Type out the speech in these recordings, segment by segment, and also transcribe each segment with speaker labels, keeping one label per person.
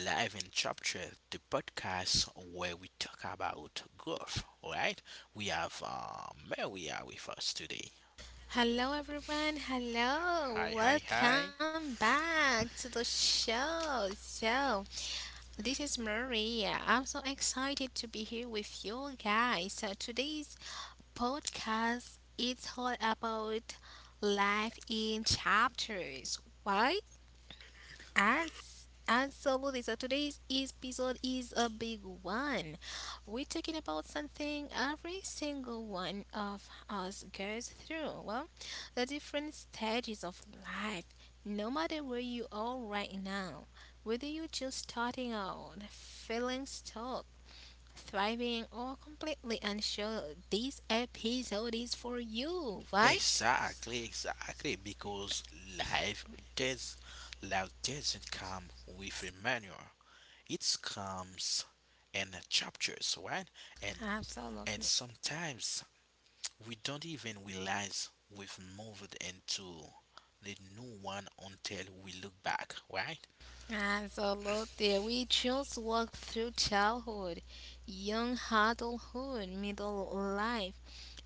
Speaker 1: Live in Chapter, the podcast where we talk about growth. All right, we have Maria with us today.
Speaker 2: Hello, everyone. Hello.
Speaker 1: Hi, hi, hi.
Speaker 2: Welcome back to the show. So, this is Maria. I'm so excited to be here with you guys. So, today's podcast is all about life in chapters. Why? As always, so today's episode is a big one. We're talking about something every single one of us goes through. Well, the different stages of life. No matter where you are right now, whether you're just starting out, feeling stuck, thriving, or completely unsure, this episode is for you, right?
Speaker 1: Exactly, exactly. Because life does, life doesn't come with a manual. It comes in chapters, right? And and
Speaker 2: Absolutely.
Speaker 1: sometimes we don't even realize we've moved into the new one until we look back, right?
Speaker 2: Absolutely. We choose walk through childhood, young adulthood, middle life,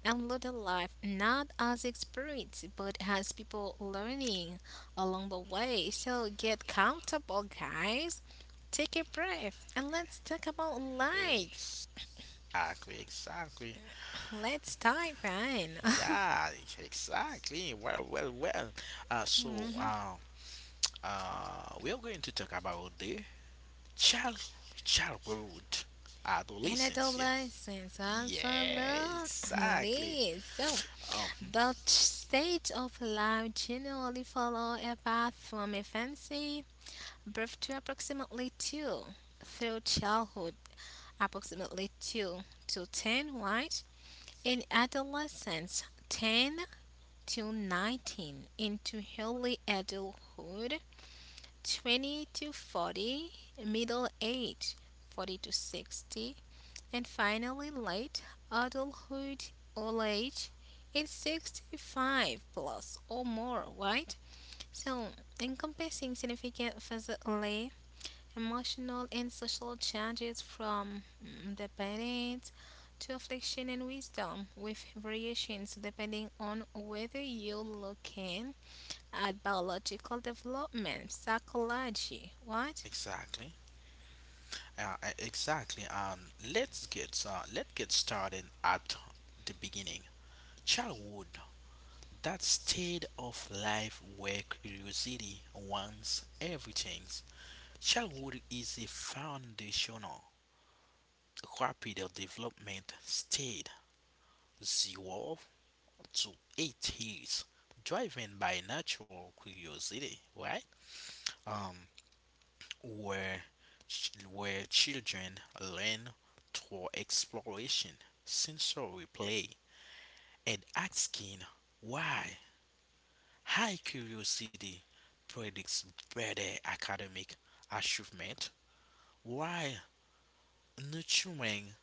Speaker 2: and later life, not as experience, but as people learning along the way. So get comfortable, guys. Take a breath and let's talk about life.
Speaker 1: Exactly, exactly.
Speaker 2: Let's dive in.
Speaker 1: Yeah, exactly. Well, well, well. Uh, so,
Speaker 2: Mhm.
Speaker 1: uh, we are going to talk about the child, childhood,
Speaker 2: And
Speaker 1: adolescence. Yeah,
Speaker 2: adolescence,
Speaker 1: yeah, exactly.
Speaker 2: absolutely. So,
Speaker 1: Um,
Speaker 2: Stage of life generally follow a path from infancy, birth to approximately 2, through childhood, approximately 2 to 10, right? In adolescence, 10 to 19, into early adulthood, 20 to 40, middle age, 40 to 60, and finally, late adulthood old age is 65 plus or more, right? So, encompassing significant physically, emotional, and social changes from dependence to affliction and wisdom, with variations depending on whether you're looking at biological development, psychology, what?
Speaker 1: exactly. Exactly. Let's get started at the beginning. Childhood, that state of life where curiosity wants everything. Childhood is a foundational, rapid development state, 0 to 8 years, driven by natural curiosity, right? Um, where, where children learn through exploration, sensory play, and asking why. High curiosity predicts better academic achievement, while nurturing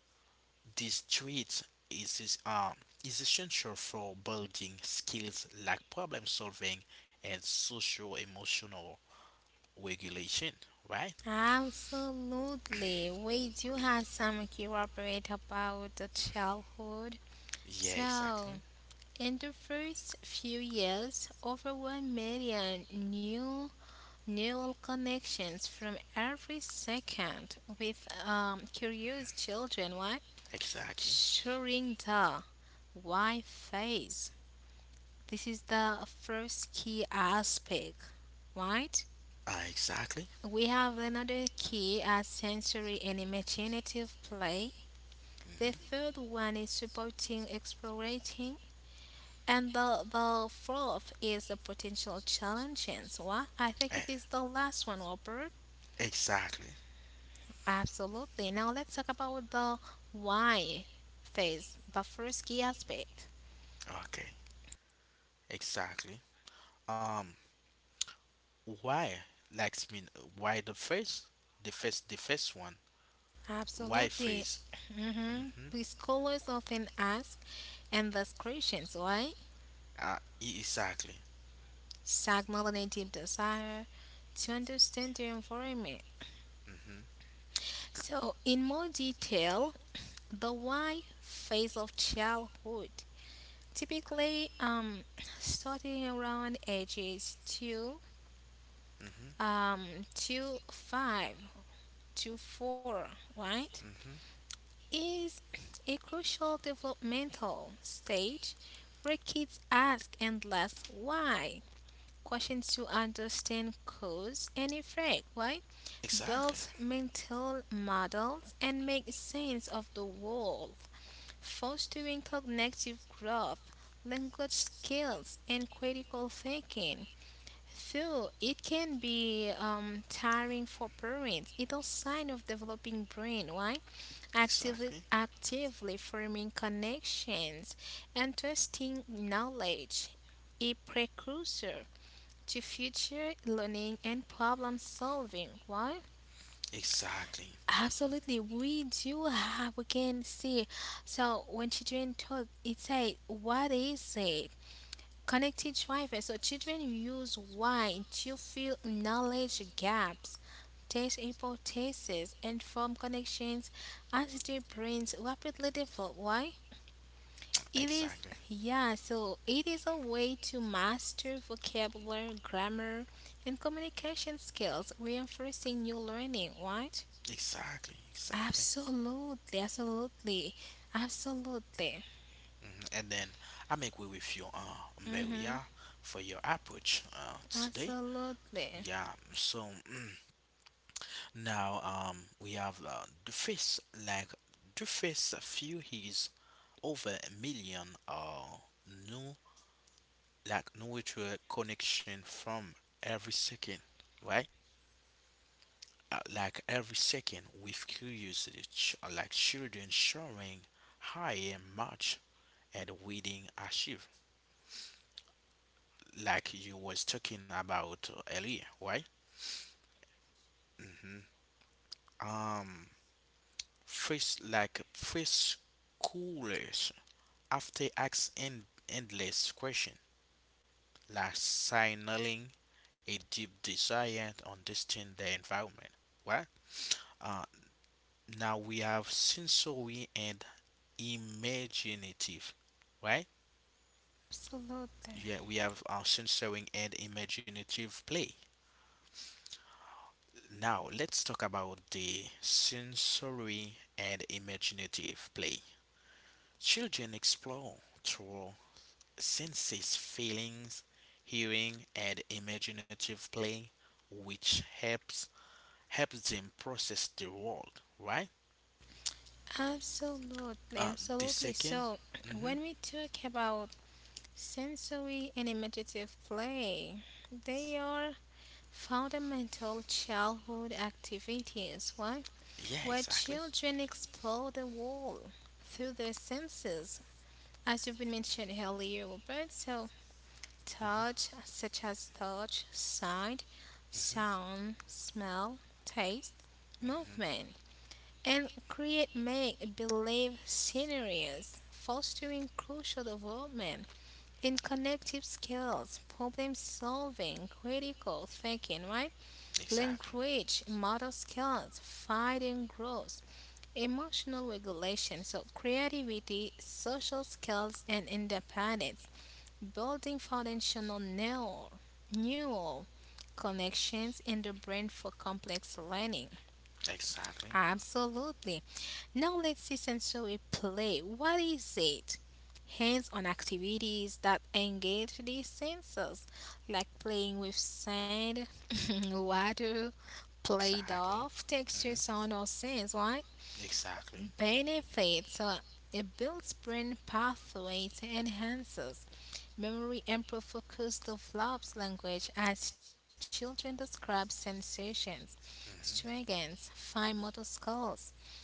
Speaker 1: these traits is, is, um, is essential for building skills like problem solving and social emotional regulation, right?
Speaker 2: Absolutely. We do have some key about the childhood.
Speaker 1: Yeah,
Speaker 2: So,
Speaker 1: exactly.
Speaker 2: in the first few years, over 1 million new neural connections from every second with curious children what
Speaker 1: Exactly.
Speaker 2: sharing the why phase, this is the first key aspect, right?
Speaker 1: Exactly.
Speaker 2: We have another key as sensory and imaginative play. The
Speaker 1: Hmm.
Speaker 2: third one is supporting explorating. And the fourth is the potential challenges. What? I think it is the last one, Robert.
Speaker 1: Exactly.
Speaker 2: Absolutely. Now let's talk about the why phase, the first key aspect.
Speaker 1: Okay. Exactly. Um, why? I mean, why the first, the first, the first one. Why
Speaker 2: Absolutely.
Speaker 1: freeze?
Speaker 2: Mm-hmm.
Speaker 1: Mm-hmm.
Speaker 2: Preschoolers often ask endless questions. Why?
Speaker 1: Exactly.
Speaker 2: Stimulative desire to understand their environment.
Speaker 1: Mm-hmm.
Speaker 2: So, in more detail, the why phase of childhood typically starting around ages 2
Speaker 1: Mm-hmm.
Speaker 2: um, to 5 to 4, right,
Speaker 1: Mm-hmm.
Speaker 2: is a crucial developmental stage where kids ask endless why questions to understand cause and effect, right? Build
Speaker 1: Exactly.
Speaker 2: mental models and make sense of the world, fostering cognitive growth, language skills, and critical thinking. Though it can be tiring for parents, it's a sign of developing brain, right? Actively,
Speaker 1: Exactly.
Speaker 2: actively forming connections and testing knowledge, a precursor to future learning and problem solving. Why?
Speaker 1: Exactly.
Speaker 2: Absolutely, we do have. We can see. So when children talk, it's a what is it? Connected driver. So children use why to fill knowledge gaps, test hypotheses, and form connections as their brains rapidly develop. Why? It is,
Speaker 1: Exactly.
Speaker 2: yeah, so it is a way to master vocabulary, grammar, and communication skills, reinforcing your learning, right?
Speaker 1: Exactly. Exactly.
Speaker 2: Absolutely, absolutely, absolutely,
Speaker 1: Hmm. And then I make way with you, Maria, for your approach today.
Speaker 2: absolutely,
Speaker 1: Yeah. So now we have the face like the face few his over a million new like no to connection from every second, right? Like every second with curiosity, like children showing higher much and reading achieve, like you was talking about earlier, right? Hmm. Um, first like first coolers after ask endless question, like signaling a deep desire to understand the environment, right? Uh, Now we have sensory and imaginative, right?
Speaker 2: absolutely.
Speaker 1: Yeah, we have our sensory and imaginative play. Now let's talk about the sensory and imaginative play. Children explore through senses, feelings, hearing, and imaginative play, which helps them process the world, right?
Speaker 2: Absolutely,
Speaker 1: Uh, the
Speaker 2: absolutely.
Speaker 1: 2nd.
Speaker 2: So,
Speaker 1: Mm-hmm.
Speaker 2: when we talk about sensory and imaginative play, they are fundamental childhood activities, right?
Speaker 1: Yeah,
Speaker 2: Where
Speaker 1: exactly.
Speaker 2: children explore the world through their senses, as you've been mentioned earlier, Robert. So, touch, such as touch, sight,
Speaker 1: Hmm.
Speaker 2: sound, smell, taste, movement and create make believe scenarios, fostering crucial development in connective skills, problem solving, critical thinking, right?
Speaker 1: Exactly.
Speaker 2: Language, model skills, fighting growth, emotional regulation, so creativity, social skills, and independence, building foundational neural connections in the brain for complex learning.
Speaker 1: Exactly.
Speaker 2: Absolutely. Now let's see sensory play. What is it? Hands-on activities that engage the senses, like playing with sand, water,
Speaker 1: Exactly.
Speaker 2: play-doh, texture,
Speaker 1: Mm-hmm.
Speaker 2: sound, or sense, right?
Speaker 1: Exactly.
Speaker 2: Benefits. It builds brain pathways, enhances memory and focus, develops language as children describe sensations,
Speaker 1: Mm-hmm.
Speaker 2: strengthens, fine motor skills,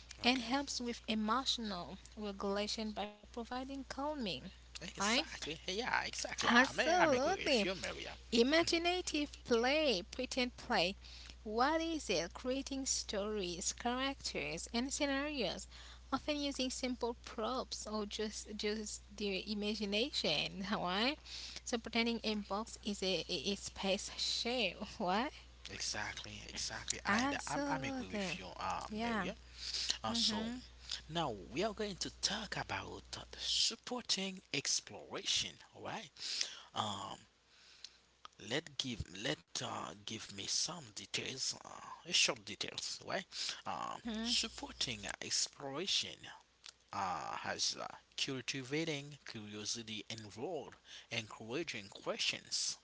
Speaker 2: and
Speaker 1: Okay.
Speaker 2: helps with emotional regulation by providing calming. Right?
Speaker 1: Exactly. Hey, yeah, exactly. I'm agree with
Speaker 2: Absolutely.
Speaker 1: you, Maria.
Speaker 2: Imaginative play, pretend play. What is it? Creating stories, characters, and scenarios, often using simple props or just the imagination. Right? So pretending a box is a space shape. What?
Speaker 1: Exactly, exactly. I'm agree
Speaker 2: Absolutely.
Speaker 1: with you,
Speaker 2: Yeah.
Speaker 1: Maria. So now we are going to talk about supporting exploration. All right. Um, let give me some details. Short details. All right.
Speaker 2: Hmm.
Speaker 1: Supporting exploration has cultivating curiosity involved, encouraging questions,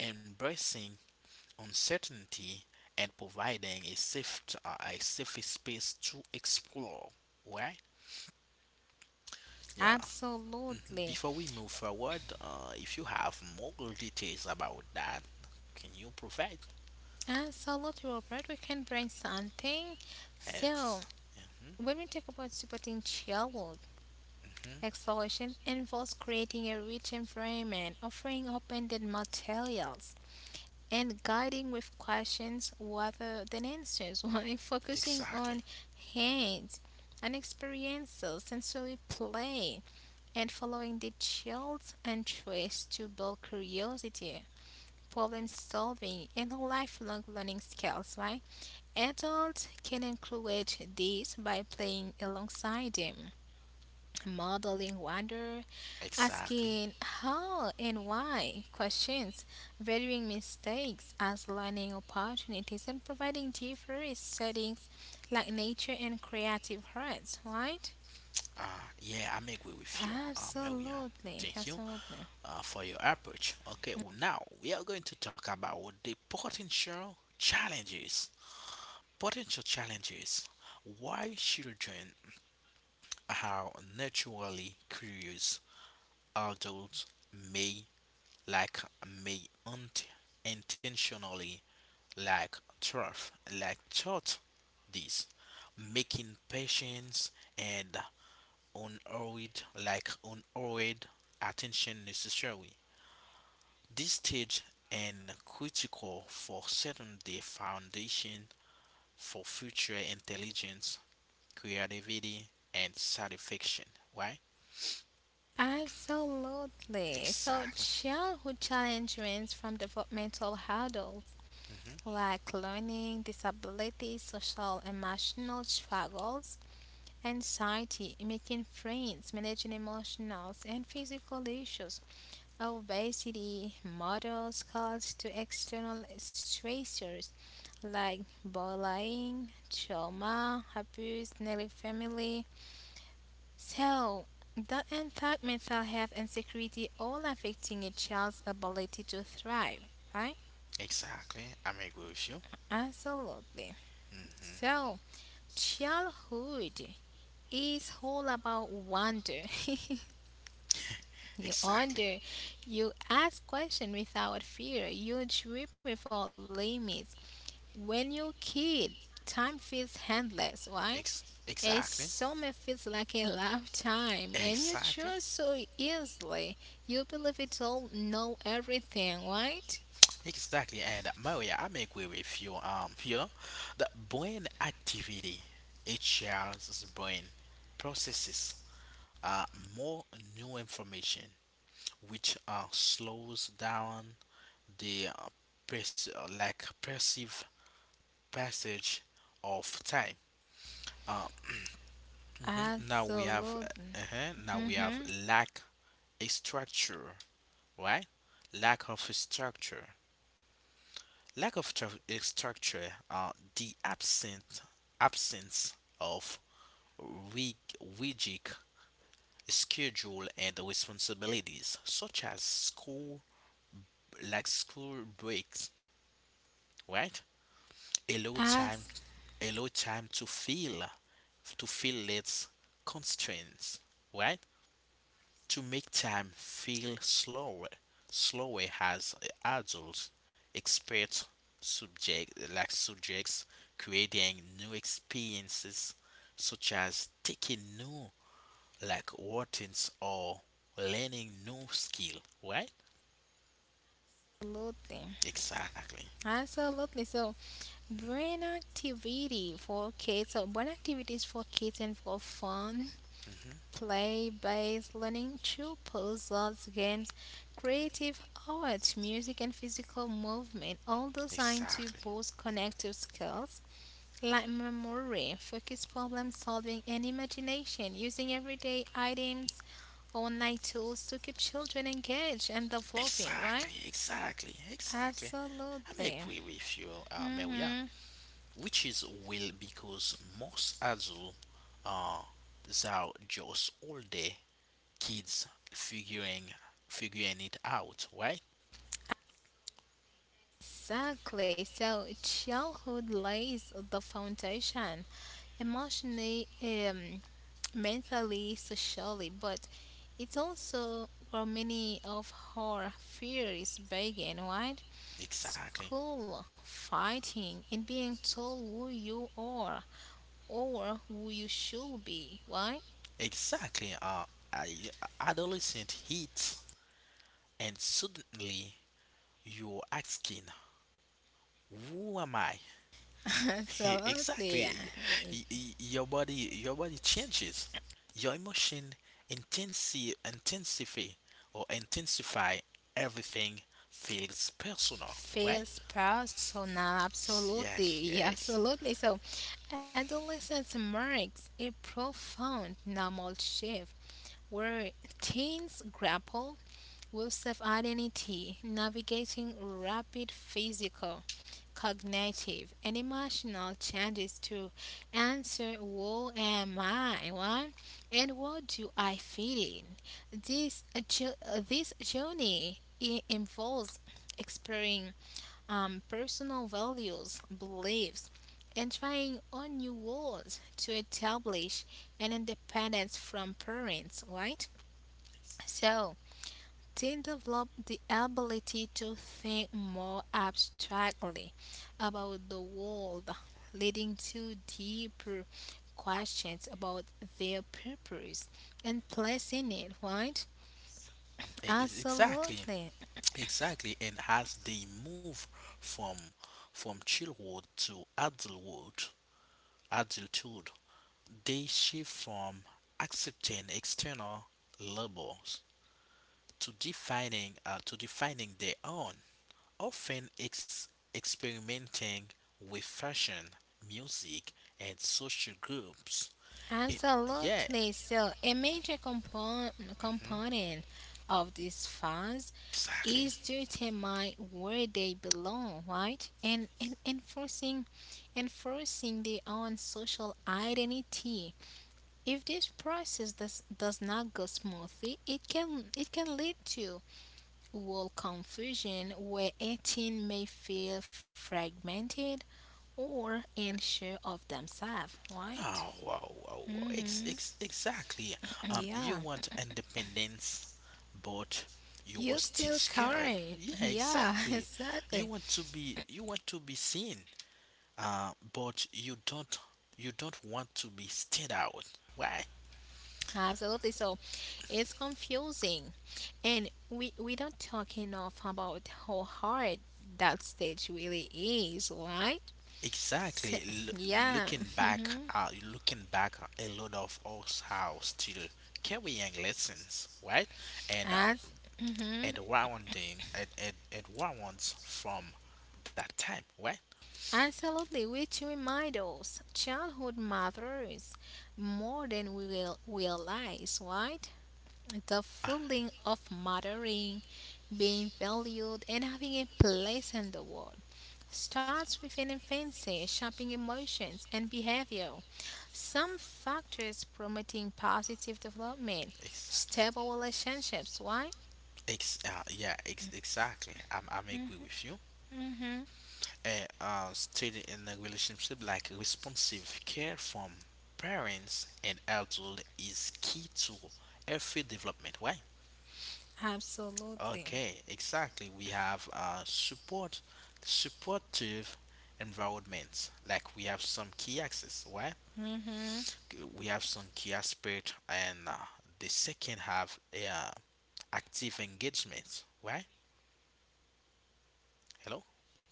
Speaker 1: embracing uncertainty, and providing a safe space to explore. Right? Yeah.
Speaker 2: Absolutely.
Speaker 1: Before we move forward, if you have more details about that, can you provide?
Speaker 2: Absolutely, Robert. We can bring something. So,
Speaker 1: Ex- hmm.
Speaker 2: when we talk about supporting child
Speaker 1: Hmm.
Speaker 2: exploration, involves creating a rich environment, offering open-ended materials, and guiding with questions rather than answers, while focusing
Speaker 1: Exactly.
Speaker 2: on hands and experiences, sensory play, and following the child's interest to build curiosity, problem solving, and lifelong learning skills, right? Adults can encourage this by playing alongside them, modeling wonder,
Speaker 1: Exactly.
Speaker 2: asking how and why questions, valuing mistakes as learning opportunities, and providing diverse settings like nature and creative arts, right?
Speaker 1: Uh, yeah, I'm agree with you, Maria.
Speaker 2: Absolutely,
Speaker 1: Thank you
Speaker 2: absolutely.
Speaker 1: for your approach. Okay, well, now we are going to talk about the potential challenges. Potential challenges. Why children are naturally curious, adults may like may intentionally like turf like taught this, making patience and unhurried attention necessary. This stage and critical for setting the foundation for future intelligence, creativity, and satisfaction. Why?
Speaker 2: Absolutely. So,
Speaker 1: Exactly.
Speaker 2: childhood challenge range from developmental hurdles
Speaker 1: Hmm.
Speaker 2: like learning, disabilities, social, emotional struggles, anxiety, making friends, managing emotional and physical issues, obesity, motor skills to external stressors like bullying, trauma, abuse, neglect, family, so, that impact mental health and security, all affecting a child's ability to thrive, right?
Speaker 1: Exactly. I'm agree with you.
Speaker 2: Absolutely.
Speaker 1: Hmm.
Speaker 2: So, childhood is all about wonder. You
Speaker 1: Exactly.
Speaker 2: wonder, you ask questions without fear, you dream without limits. When you're a kid, time feels endless, right? A
Speaker 1: Exactly.
Speaker 2: summer feels like a lifetime, and you
Speaker 1: Exactly.
Speaker 2: choose so easily. You believe it all, know everything, right?
Speaker 1: Exactly. And Maria, I'm agree with you. You know, the brain activity, a child's brain processes uh more new information which slows down the perce- like perceived passage of time. Uh, mhm. Now we have
Speaker 2: Absolutely.
Speaker 1: uh-huh, now we have
Speaker 2: Mm-hmm.
Speaker 1: lack a structure, right? Lack of a structure. A structure. The absent absence of rig- rigid schedule and responsibilities such as school breaks, right, allow time
Speaker 2: Absolutely.
Speaker 1: allow time to feel its constraints, right, to make time feel slower, as adults expert subject like subjects creating new experiences such as taking new like routines or learning new skill, right, exactly.
Speaker 2: Absolutely. So, brain activity for kids. So, brain activities for kids and for fun. Play based learning to puzzles, arts, games, creative arts, music, and physical movement, all designed to
Speaker 1: Exactly,
Speaker 2: boost connective skills like memory, focus problem solving, and imagination, using everyday items, online tools to keep children engaged and developing, right?
Speaker 1: exactly, exactly. exactly. I may
Speaker 2: Absolutely.
Speaker 1: agree with you, Maria,
Speaker 2: Hmm.
Speaker 1: which is will because most adults uh, are just older kids figuring it out, right?
Speaker 2: Exactly. So childhood lays the foundation emotionally, mentally, socially, but it's also where many of our fears begin, right?
Speaker 1: Exactly,
Speaker 2: School, fighting, and being told who you are or who you should be, right?
Speaker 1: exactly. I, adolescent hit, and suddenly you're asking, "Who am I?"
Speaker 2: Absolutely. Yeah.
Speaker 1: Exactly. Your body, changes. Your emotion intensify or intensify everything feels personal, right?
Speaker 2: Feels personal, absolutely.
Speaker 1: Yes,
Speaker 2: Yeah,
Speaker 1: yes.
Speaker 2: absolutely. So Adolescence marks a profound normal shift where teens grapple with self identity, navigating rapid physical, cognitive, and emotional changes to answer who am I what, and what do I fit in. This journey involves exploring personal values, beliefs, and trying on new worlds to establish an independence from parents, right? So, teen develop the ability to think more abstractly about the world, leading to deeper questions about their purpose and placing it, right?
Speaker 1: Exactly,
Speaker 2: Absolutely.
Speaker 1: exactly. And as they move from from childhood to adulthood, they shift from accepting external labels to defining their own, often experimenting with fashion, music, and social groups. It, yeah,
Speaker 2: Absolutely. So, a major compon-
Speaker 1: hmm,
Speaker 2: component of this phase
Speaker 1: exactly.
Speaker 2: is to determine where they belong, right? And, and enforcing their own social identity. If this process does not go smoothly, it can lead to world confusion where a teen may feel fragmented or unsure of themselves, right?
Speaker 1: Oh, wow, wow, wow.
Speaker 2: Mm-hmm.
Speaker 1: Exactly.
Speaker 2: Yeah.
Speaker 1: You want independence, but you were
Speaker 2: You
Speaker 1: still
Speaker 2: still
Speaker 1: scared.
Speaker 2: current.
Speaker 1: Yeah,
Speaker 2: Yeah,
Speaker 1: exactly.
Speaker 2: exactly.
Speaker 1: You want to be seen, uh, but you don't want to be stood out. Why?
Speaker 2: Absolutely. So it's confusing. And we don't talk enough about how hard that stage really is, right? So,
Speaker 1: Exactly.
Speaker 2: yeah. Mhm.
Speaker 1: Looking back, a lot of us are still carrying lessons, right? And uh,
Speaker 2: As
Speaker 1: and warranting and warrants from that time, right?
Speaker 2: absolutely which remind us childhood matters more than we will realize, right? The
Speaker 1: Ah,
Speaker 2: feeling of mattering, being valued, and having a place in the world starts with an infancy, shaping emotions and behavior. Some factors promoting positive development,
Speaker 1: exactly.
Speaker 2: stable relationships. Why?
Speaker 1: Yeah, exactly. I'm agree with you.
Speaker 2: Mm-hmm.
Speaker 1: Still in a relationship, like responsive care from parents and adult is key to every development. Why?
Speaker 2: Absolutely.
Speaker 1: Okay, exactly. We have supportive environments. Like we have some key access, right?
Speaker 2: Mm-hmm.
Speaker 1: We have some key aspect, and the second have active engagement, right? Hello,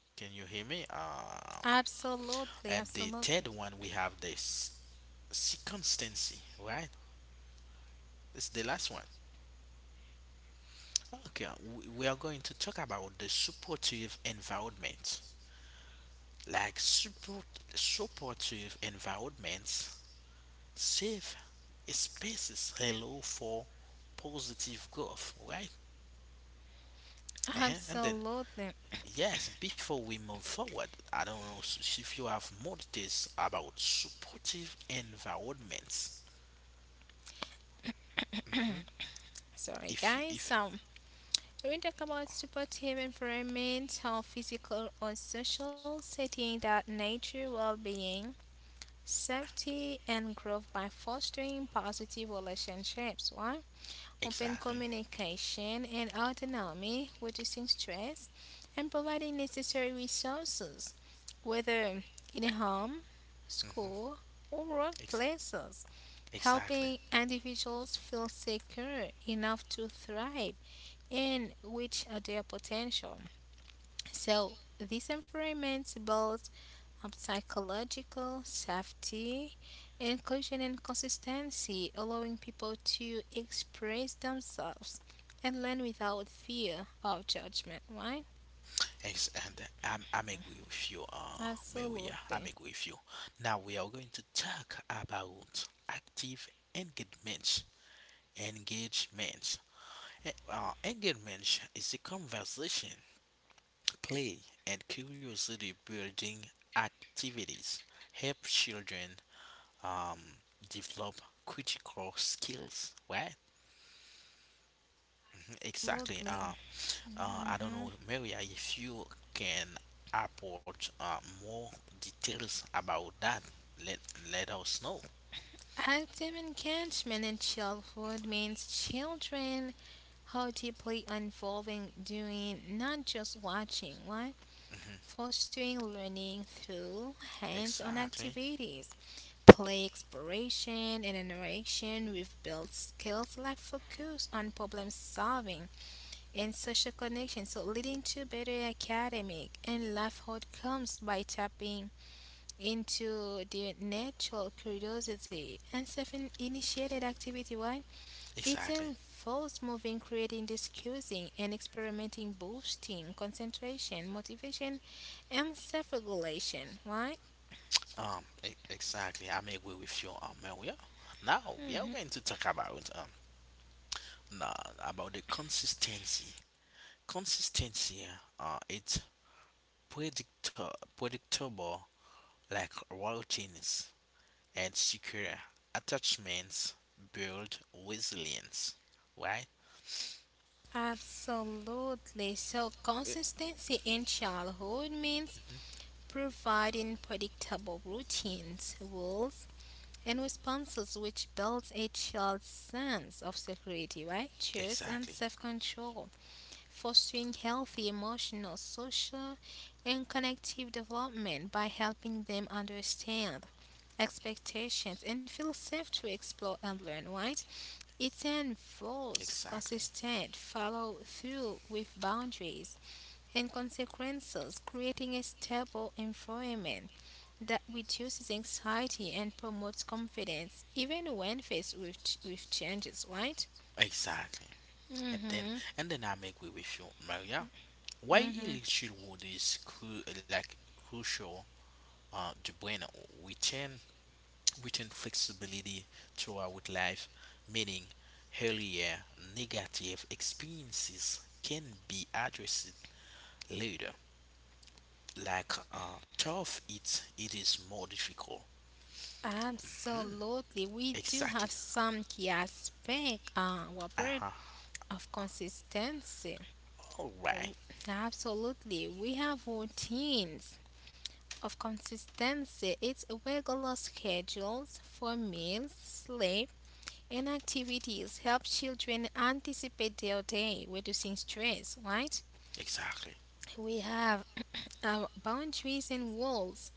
Speaker 1: can you hear me?
Speaker 2: Absolutely.
Speaker 1: And the third
Speaker 2: Absolutely.
Speaker 1: one we have this circumstancy, right? This is the last one. Okay, we are going to talk about the supportive environment. like support, supportive environments, safe spaces allow for positive growth, right? Uh-huh. And then,
Speaker 2: Absolutely.
Speaker 1: yes, before we move forward, I don't know s- if you have more details about supportive environments. Hmm.
Speaker 2: Sorry,
Speaker 1: If you,
Speaker 2: guys.
Speaker 1: if
Speaker 2: So. When we talk about supportive environment or physical or social setting that nature well-being, safety, and growth by fostering positive relationships. Why? Open
Speaker 1: exactly.
Speaker 2: communication and autonomy, reducing stress, and providing necessary resources, whether in home,
Speaker 1: Hmm.
Speaker 2: school, or
Speaker 1: Ex-
Speaker 2: workplaces,
Speaker 1: exactly.
Speaker 2: helping individuals feel secure enough to thrive and reach their potential. So these environments build up psychological safety, inclusion, and consistency, allowing people to express themselves and learn without fear of judgment. Right?
Speaker 1: Ex- and I'm agree with you, Maria.
Speaker 2: Absolutely.
Speaker 1: I'm agree with you. Now we are going to talk about active engagement. Engagement. Engagement is a conversation, play, and curiosity building activities. Help children um, develop critical skills. Right? Exactly.
Speaker 2: Absolutely.
Speaker 1: I don't
Speaker 2: Hmm.
Speaker 1: know, Maria, if you can report more details about that, let let us know.
Speaker 2: Active engagement in childhood means children are deeply involving doing, not just watching. Why?
Speaker 1: Hmm.
Speaker 2: Fostering learning through hands on
Speaker 1: Exactly,
Speaker 2: activities, play exploration, and interaction. We've built skills like focus on problem solving and social connection, so leading to better academic and life outcomes by tapping into their natural curiosity and self-initiated activity. Why? It
Speaker 1: exactly.
Speaker 2: involves moving, creating, discussing, and experimenting, boosting concentration, motivation, and self regulation. Why?
Speaker 1: Exactly. I'm agree with you, Maria. Now we are going to talk about na about the consistency. Consistency, it's predictor predictable, like routines and secure attachments build resilience. Why?
Speaker 2: Absolutely. So,
Speaker 1: E-
Speaker 2: consistency in childhood means providing predictable routines, rules, and responses which builds a child's sense of security, right? Choice and
Speaker 1: Exactly,
Speaker 2: self control, fostering healthy emotional, social, and connective development by helping them understand expectations and feel safe to explore and learn, right? It involves
Speaker 1: exactly,
Speaker 2: consistent follow through with boundaries and consequences, creating a stable environment that reduces anxiety and promotes confidence, even when faced with, with changes, right?
Speaker 1: exactly. And then,
Speaker 2: Mm-hmm.
Speaker 1: I make way with you, Maria. Why
Speaker 2: Mm-hmm.
Speaker 1: elite childhood is crucial to brain return, return flexibility throughout life, meaning earlier negative experiences can be addressed later. Tough, it is more difficult. Hmm,
Speaker 2: Absolutely. We do
Speaker 1: exactly.
Speaker 2: have some key aspect,
Speaker 1: Uh
Speaker 2: Robert,
Speaker 1: huh.
Speaker 2: of consistency.
Speaker 1: All right.
Speaker 2: Absolutely. We have routines of consistency, its regular schedules for meals, sleep, and activities help children anticipate their day, reducing stress, right?
Speaker 1: Exactly.
Speaker 2: We have our boundaries and rules.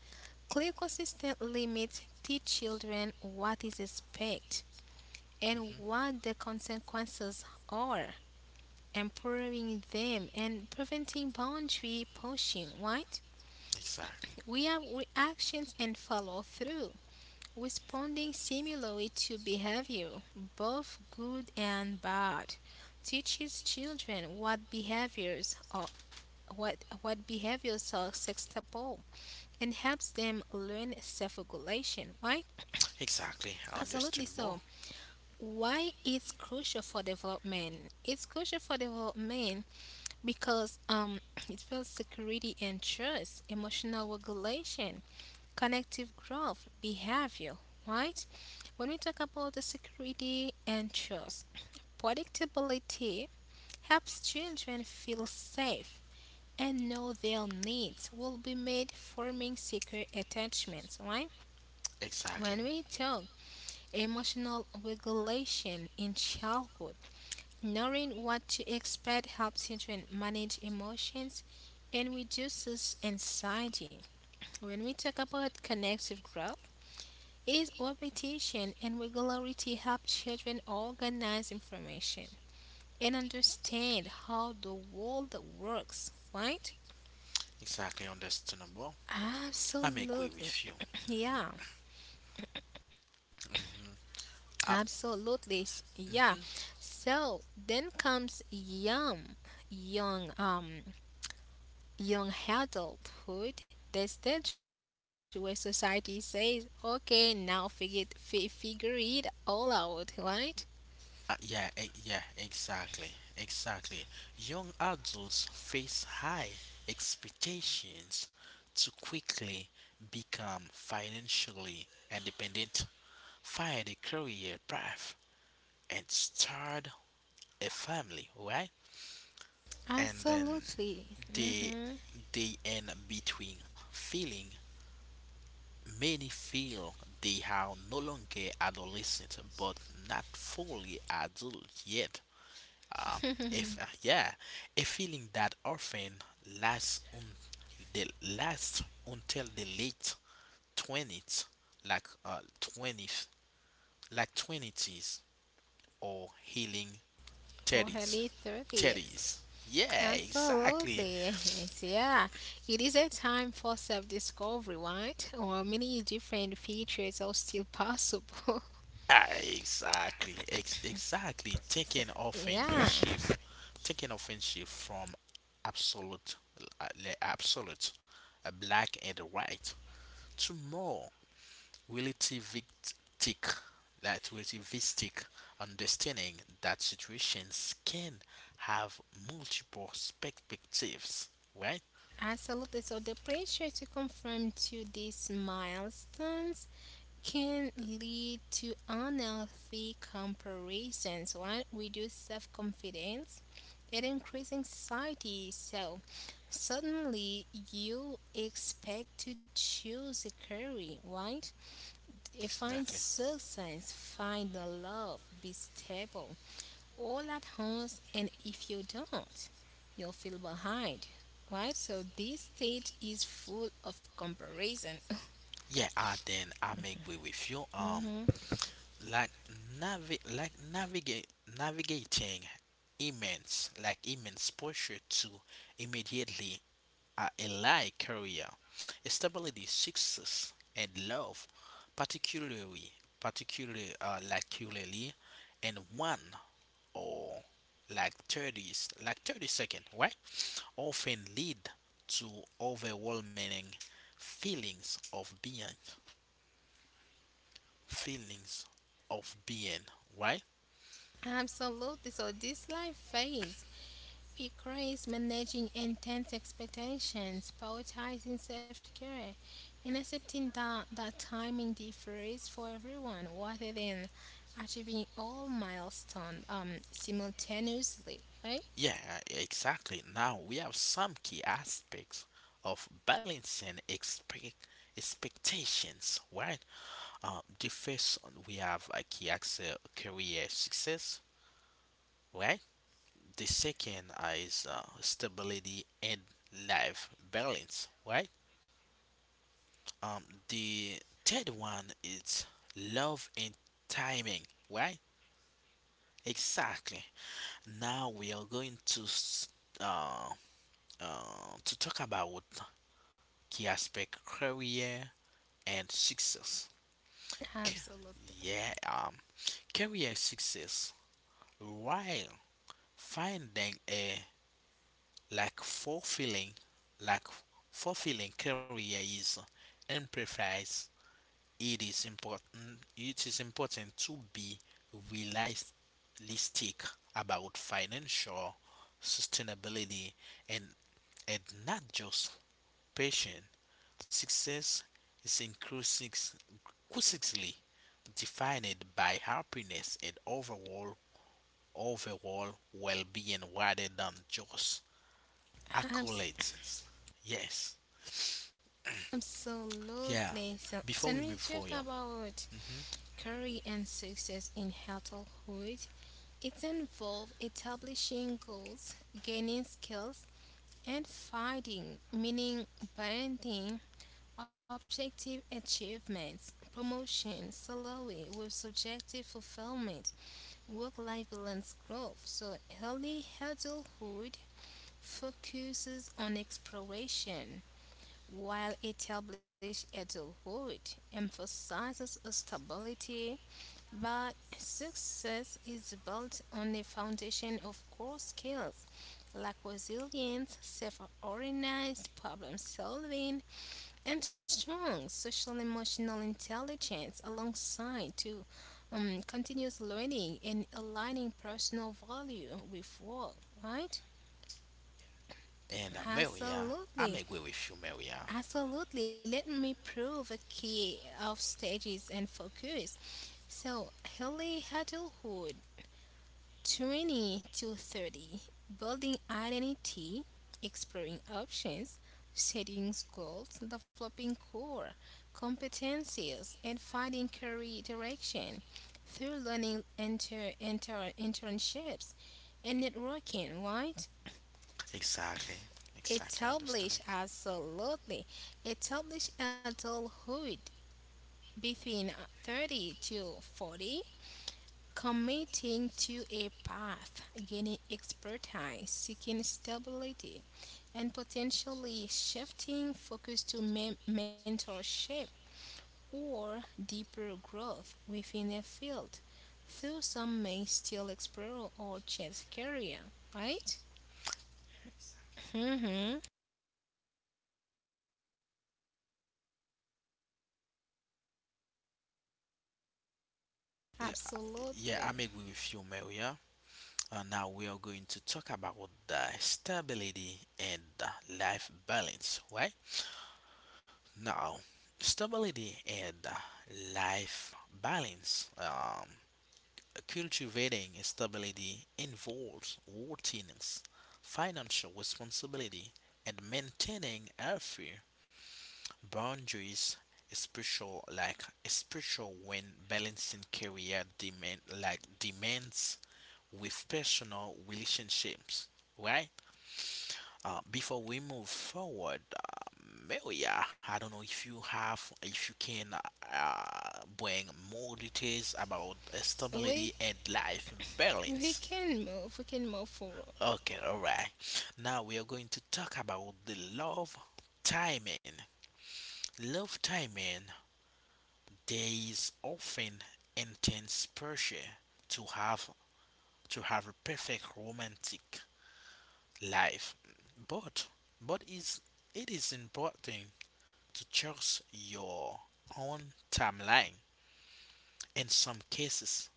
Speaker 2: Clear consistent limits teach children what is expected and what the consequences are, empowering them and preventing boundary pushing, right?
Speaker 1: Exactly.
Speaker 2: We have reactions and follow through. Responding similarly to behavior, both good and bad, teaches children what behaviors are what behaviors are acceptable and helps them learn self-regulation. Why?
Speaker 1: Exactly,
Speaker 2: Absolutely so.
Speaker 1: understandable.
Speaker 2: Why it's crucial for development? It's crucial for development because it builds security and trust, emotional regulation, connective growth, behavior, right? When we talk about the security and trust, predictability helps children feel safe and know their needs will be made forming secure attachments, right? When
Speaker 1: Exactly,
Speaker 2: we talk emotional regulation in childhood, knowing what to expect helps children manage emotions and reduces anxiety. When we talk about connective growth, it is repetition and regularity help children organize information and understand how the world works, right?
Speaker 1: exactly understandable. I am agree
Speaker 2: Absolutely.
Speaker 1: with you.
Speaker 2: Yeah,
Speaker 1: Mm, uh,
Speaker 2: absolutely. Yeah.
Speaker 1: mhm.
Speaker 2: So then comes young, um, young adulthood. The stage where society says, "Okay, now figure it all out," right?
Speaker 1: Yeah, yeah, exactly, exactly. Young adults face high expectations to quickly become financially independent, find a career path, and start a family, right? And then
Speaker 2: Absolutely.
Speaker 1: they
Speaker 2: Mm-hmm.
Speaker 1: they end between feeling. Many feel they are no longer adolescent but not fully adult yet. Um, if yeah, a feeling that often lasts un- the lasts until the late 20s, like twenties, like twenties or healing
Speaker 2: Early
Speaker 1: thirties,
Speaker 2: 30s.
Speaker 1: thirties. Yeah, exactly.
Speaker 2: Absolutely. Yes, yeah. It is a time for self discovery, right? Or many different features are still possible.
Speaker 1: Ah, exactly, exactly.
Speaker 2: Yeah.
Speaker 1: Taking often shift from absolute, absolute, black and white, to more relativistic, that relativistic understanding that situations can have multiple perspectives, right?
Speaker 2: Absolutely. So the pressure to conform to these milestones can lead to unhealthy comparisons. One, reduce self confidence and increase anxiety. So, suddenly you expect to choose a career, right? Find
Speaker 1: Exactly.
Speaker 2: success, find the love, be stable, all at once. And if you don't, you'll feel behind, right? So, this stage is full of comparison.
Speaker 1: Yeah, and then I may agree with you. Like navigate navigating immense pressure to immediately a alike career stability success and love, particularly particularly, and one or like 30s, like 30 second, right, often lead to overwhelming feelings of being, feelings of being right.
Speaker 2: Absolutely. So this life phase requires managing intense expectations, prioritizing self-care, and accepting that timing differs for everyone rather than achieving all milestones simultaneously, right?
Speaker 1: Yeah, exactly. Now we have some key aspects of balancing expect expectations, right? The first one, we have a key axis career success, right? The second is stability and life balance, right? Um, the third one is love and timing, right? Exactly. Now we are going uh, to talk about key aspect career and success. K-
Speaker 2: Absolutely.
Speaker 1: Yeah, career success, while finding a like like fulfilling career is emphasized. It is important. It is important to be realistic about financial sustainability and and not just patient. Success is increasingly defined by happiness and overall well-being rather than just accolades. Yes, yeah.
Speaker 2: Absolutely. So,
Speaker 1: Before
Speaker 2: so
Speaker 1: we
Speaker 2: when we
Speaker 1: move
Speaker 2: talk
Speaker 1: forward,
Speaker 2: about
Speaker 1: hmm.
Speaker 2: career and success in adulthood, it involves establishing goals, gaining skills, and finding meaning, balancing objective achievements, promotion, salary with subjective fulfillment, work-life balance, growth. So early adulthood focuses on exploration while established adulthood emphasizes stability, but success is built on a foundation of core skills like resilience, self organized problem solving, and strong social emotional intelligence alongside to continuous learning and aligning personal value with work, right?
Speaker 1: and Maria, I'm
Speaker 2: Absolutely.
Speaker 1: agree with you, Maria.
Speaker 2: Absolutely. Let me prove a key of stages and focus. So, early adulthood, 20 to 30, building identity, exploring options, setting goals, developing core competencies, and finding career direction through learning internships and networking, right?
Speaker 1: Exactly. Exactly understandable.
Speaker 2: Establish absolutely. Establish adulthood between 30 to 40, committing to a path, gaining expertise, seeking stability, and potentially shifting focus to mentorship or deeper growth within a field, though some may still explore or change career, right? Mm-hmm.
Speaker 1: Yeah,
Speaker 2: Absolutely.
Speaker 1: I'm agree with you, Maria. Now we are going to talk about the stability and the life balance, right? Now, stability and life balance. Cultivating stability involves routines, financial responsibility, and maintaining healthy boundaries, especially when balancing career demand like demands with personal relationships, right? Before we move forward, Maria, I don't know if you have, if you can bring more details about
Speaker 2: We
Speaker 1: stability and life
Speaker 2: we
Speaker 1: balance.
Speaker 2: can move. We can move forward.
Speaker 1: Okay, all right. Now we are going to talk about the love timing. Love timing. There is often intense pressure to have to have a perfect romantic life, but but is it is important to choose your own timeline. In some cases,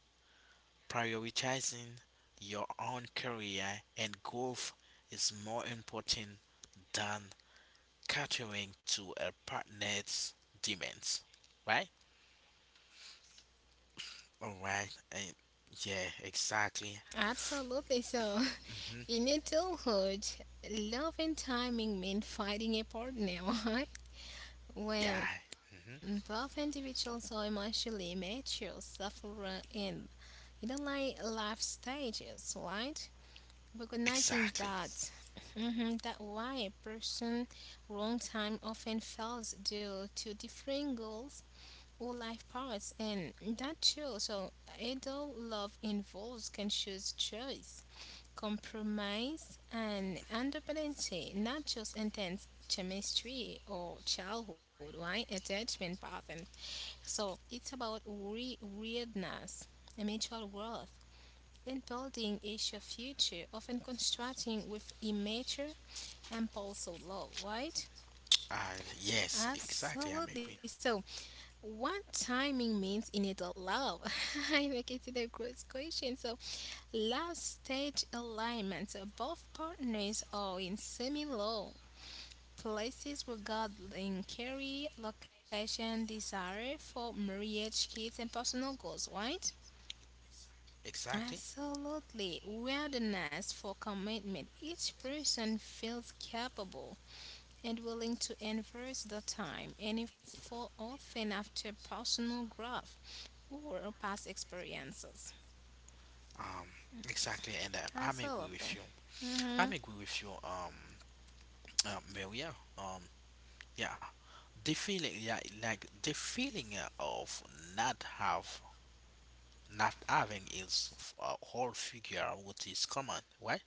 Speaker 1: prioritizing your own career and growth is more important than catering to a partner's demands. Right? Alright. Yeah, exactly.
Speaker 2: Absolutely. So
Speaker 1: hmm
Speaker 2: in adulthood, love and timing mean finding a partner, right?
Speaker 1: Yeah.
Speaker 2: When both
Speaker 1: hmm
Speaker 2: individuals are emotionally mature, suffer in you know like life stages, right? Recognizing that
Speaker 1: Exactly.
Speaker 2: mhm, that why a person wrong time often fails due to different goals or life paths and that too so adult love involves conscious choice compromise, and underdependency, not just intense chemistry or childhood, right? Attachment pattern. So it's about weirdness, mutual worth, and building a shared future, often constructing with immature impulse or love, right?
Speaker 1: Yes, exactly. I'm
Speaker 2: Absolutely.
Speaker 1: agree.
Speaker 2: So, what timing means in adult love? I make it to the gross question. So, last stage alignment. Both partners are in semi low places regarding career, location, desire for marriage, kids, and personal goals, right?
Speaker 1: Exactly.
Speaker 2: Absolutely. Wilderness for commitment. Each person feels capable and willing to invest the time and effort often after personal growth or past experiences.
Speaker 1: Um, exactly. And I'm agree with
Speaker 2: Absolutely.
Speaker 1: you.
Speaker 2: Mm-hmm.
Speaker 1: I'm agree with you. Well, yeah. Um, yeah. The feeling, yeah, like the feeling of not have, not having is a whole figure, what is common, right?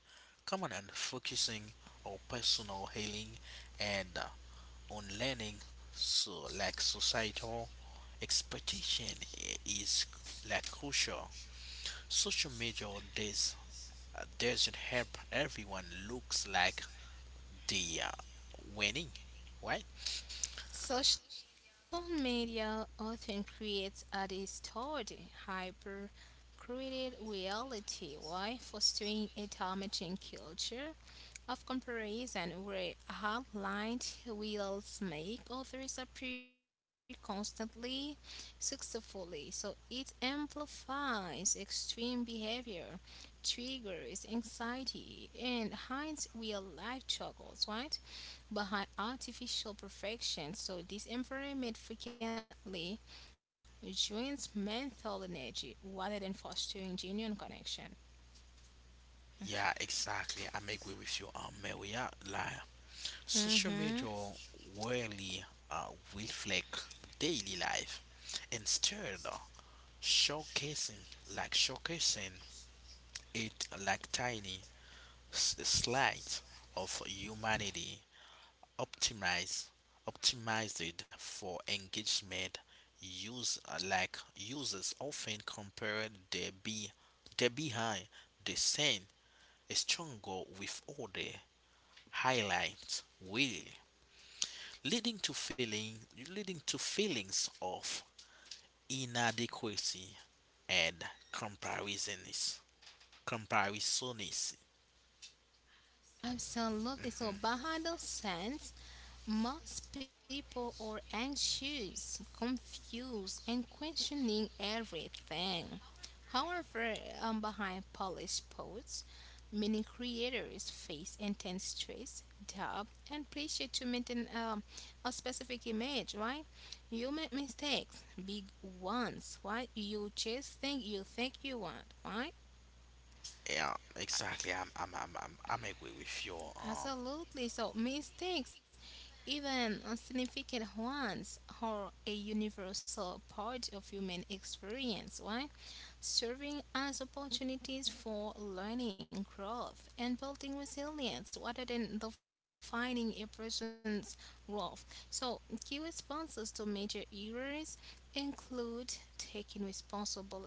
Speaker 1: Common and focusing on personal healing and on learning, so, like, societal expectation is like crucial. Social media does doesn't help. Everyone looks like they are winning, right?
Speaker 2: Social media often creates a distorted, hyper created reality while fostering a damaging culture of comparison where outlined wills make others appear constantly successfully. So it amplifies extreme behavior, triggers anxiety, and hides real life struggles, right? Behind artificial perfection. So this environment frequently drains mental energy rather than fostering genuine connection.
Speaker 1: Yeah, exactly. I'm agree with you, Maria. Like,
Speaker 2: Mm-hmm.
Speaker 1: social media rarely reflect daily life. Instead, showcasing showcasing it, like, tiny slides of humanity, optimized, optimized for engagement. Users often compare their be their behind the scene stronger with order highlights will, leading to feeling leading to feelings of inadequacy and comparisons comparisons.
Speaker 2: Absolutely. So behind Bahadal says most people are anxious, confused, and questioning everything. However, behind polished posts, many creators face intense stress, doubt, and pressure to maintain a specific image, right? You make mistakes, big ones, right? You just think you want, right?
Speaker 1: Yeah, exactly. I'm agree with you.
Speaker 2: Absolutely. So mistakes, even insignificant ones, are a universal part of human experience, right? Serving as opportunities for learning, growth, and building resilience rather than defining a person's worth. So key responses to major errors include taking responsibility,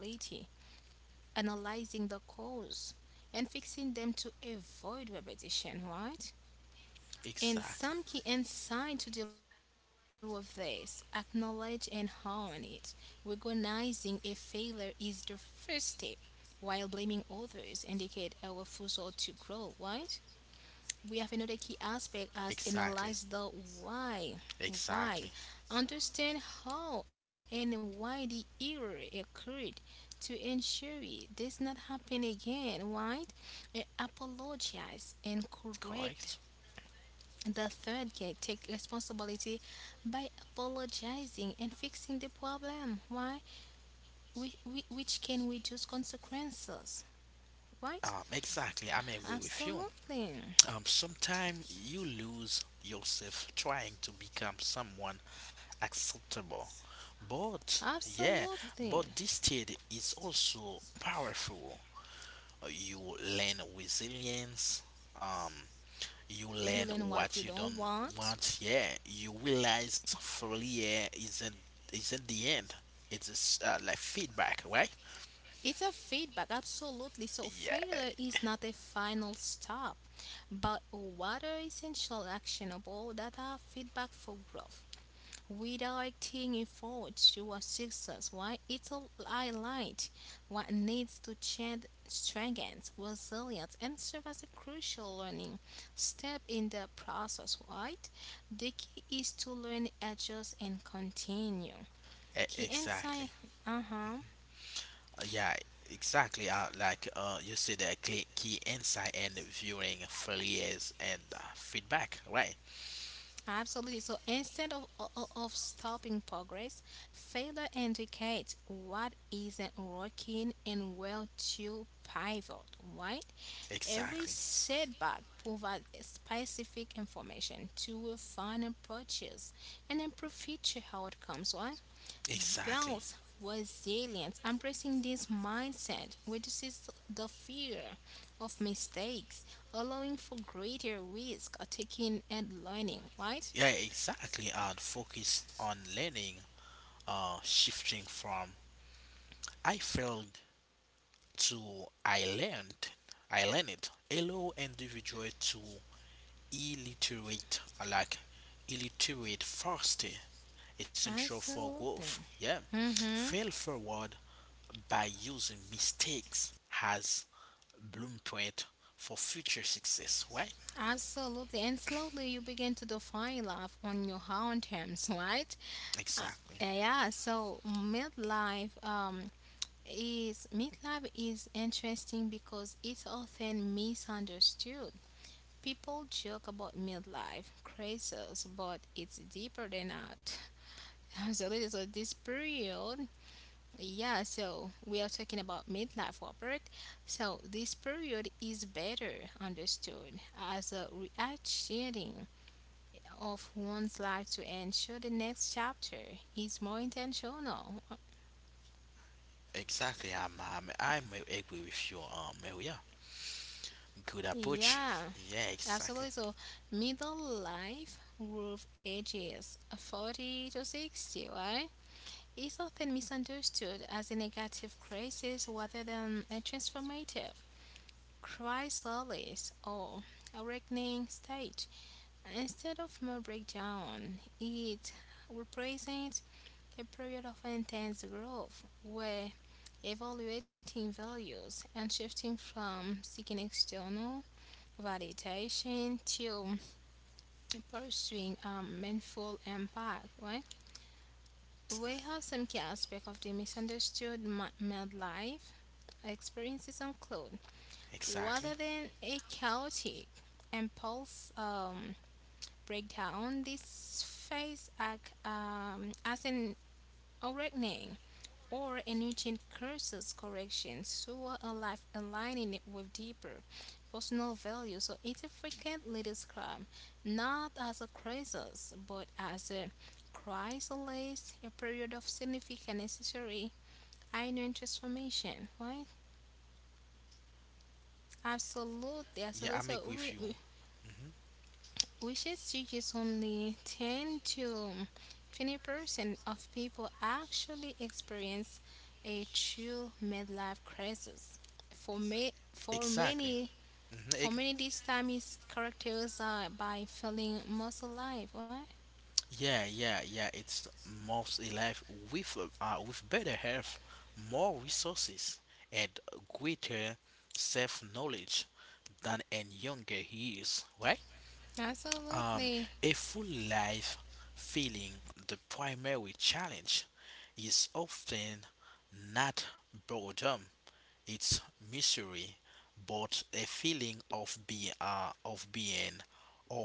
Speaker 2: analyzing the cause, and fixing them to avoid repetition, right? And
Speaker 1: Exactly.
Speaker 2: some key insight to deal with this acknowledge and own it. Recognizing a failure is the first step, while blaming others indicate a refusal to grow, right? We have another key aspect as analyze
Speaker 1: Exactly.
Speaker 2: the why. Why?
Speaker 1: Exactly.
Speaker 2: Understand how and why the error occurred to ensure it does not happen again, right? And apologize and correct
Speaker 1: Correct.
Speaker 2: and the third gate, take responsibility by apologizing and fixing the problem. Why? Which can reduce consequences, right?
Speaker 1: Exactly. I'm agree with you.
Speaker 2: Absolutely.
Speaker 1: Sometimes you lose yourself trying to become someone acceptable. But yeah, but
Speaker 2: Absolutely.
Speaker 1: this state is also powerful. You learn resilience. Um, you
Speaker 2: You
Speaker 1: learn
Speaker 2: learn what
Speaker 1: what
Speaker 2: you
Speaker 1: you
Speaker 2: don't
Speaker 1: don't
Speaker 2: want.
Speaker 1: want. Yeah, you realize failure isn't the end. It's just, like feedback, right?
Speaker 2: It's a feedback, absolutely. So,
Speaker 1: Yeah,
Speaker 2: failure is not a final stop, but rather essential actionable that are feedback for growth. Without taking forward to a success, why it's a highlight what needs to change strengthens, resilience, and serve as a crucial learning step in the process, right? The key is to learn, adjust, and continue. Key
Speaker 1: exactly.
Speaker 2: insight, uh huh.
Speaker 1: Yeah, exactly. You see the key insight and viewing failures and, feedback, right?
Speaker 2: Absolutely. So instead of stopping progress, failure indicates what isn't working and where to pivot, right? Every
Speaker 1: Exactly.
Speaker 2: setback provides specific information to refine a purchase and improve future outcomes. Why?
Speaker 1: Exactly.
Speaker 2: Builds resilience. Embracing this mindset reduces the fear of mistakes, allowing for greater risk taking and learning. Right?
Speaker 1: Yeah, exactly. And focus on learning, shifting from I failed to I learned. I learned it. Allow individual to illiterate I like illiterate faster, essential for growth.
Speaker 2: Absolutely.
Speaker 1: Yeah,
Speaker 2: Mm-hmm.
Speaker 1: fail forward by using mistakes as blueprint for future success, right?
Speaker 2: Absolutely. And slowly you begin to define life on your own terms, right? Uh,
Speaker 1: Exactly.
Speaker 2: yeah, so midlife is interesting because it's often misunderstood. People joke about midlife crisis, but it's deeper than that. Absolutely. So this period, yeah, so we are talking about midlife Robert. So this period is better understood as a reaction of one's life to ensure the next chapter is more intentional.
Speaker 1: Exactly. I'm agree with you, Maria. Good approach.
Speaker 2: Yeah,
Speaker 1: Yeah, exactly.
Speaker 2: absolutely. So middle life roof ages 40 to 60, right? Is often misunderstood as a negative crisis rather than a transformative chrysalis or awakening stage. Instead of mere breakdown, it represents a period of intense growth where evaluating values and shifting from seeking external validation to pursuing a meaningful impact, right? We have some key aspects of the misunderstood midlife experiences include
Speaker 1: Exactly.
Speaker 2: rather than a chaotic impulse break down this phase act as an awakening or a nutrient curses correction, so a life aligning it with deeper personal value. So it's a frequently described not as a crisis, but as a chrysalis, a period of significant necessary inner transformation, right? Absolutely,
Speaker 1: Yeah,
Speaker 2: absolutely.
Speaker 1: I'm agree
Speaker 2: So
Speaker 1: with you.
Speaker 2: we
Speaker 1: hmm
Speaker 2: Wishes tickets only 10 to 20% of people actually experience a true midlife crisis. For, me, for
Speaker 1: exactly.
Speaker 2: many,
Speaker 1: hmm
Speaker 2: for many, this time is characterized by feeling most alive. Why?
Speaker 1: Yeah, yeah, yeah. It's most alive with, with better health, more resources, and greater self knowledge than in younger years, right? Um,
Speaker 2: Absolutely.
Speaker 1: a full life feeling, the primary challenge is often not boredom, it's misery, but a feeling of being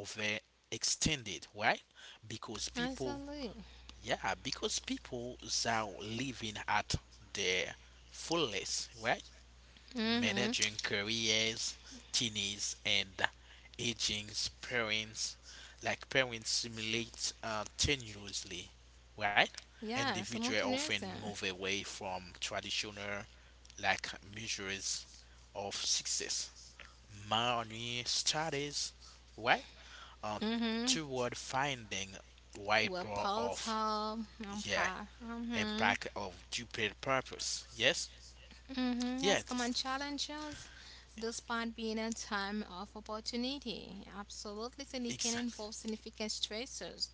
Speaker 1: overextended, right? Because people
Speaker 2: Absolutely.
Speaker 1: yeah, because people are living at their fullest, right?
Speaker 2: Mm-hmm.
Speaker 1: Managing careers, teenies, and aging parents, simulate, tenuously, right?
Speaker 2: Yeah, so
Speaker 1: Individuals often
Speaker 2: Montenegrin.
Speaker 1: move away from traditional, like, measures of success, money, studies, right? Uh,
Speaker 2: Mm-hmm.
Speaker 1: Toward finding
Speaker 2: Well,
Speaker 1: wiper
Speaker 2: Paul's
Speaker 1: of,
Speaker 2: home.
Speaker 1: yeah,
Speaker 2: Pa. Mm-hmm.
Speaker 1: impact of stupid purpose. Yes?
Speaker 2: Mm-hmm,
Speaker 1: Yeah,
Speaker 2: has common
Speaker 1: this,
Speaker 2: challenges despite being a time of opportunity. Absolutely, and it can
Speaker 1: exactly.
Speaker 2: involve significant stressors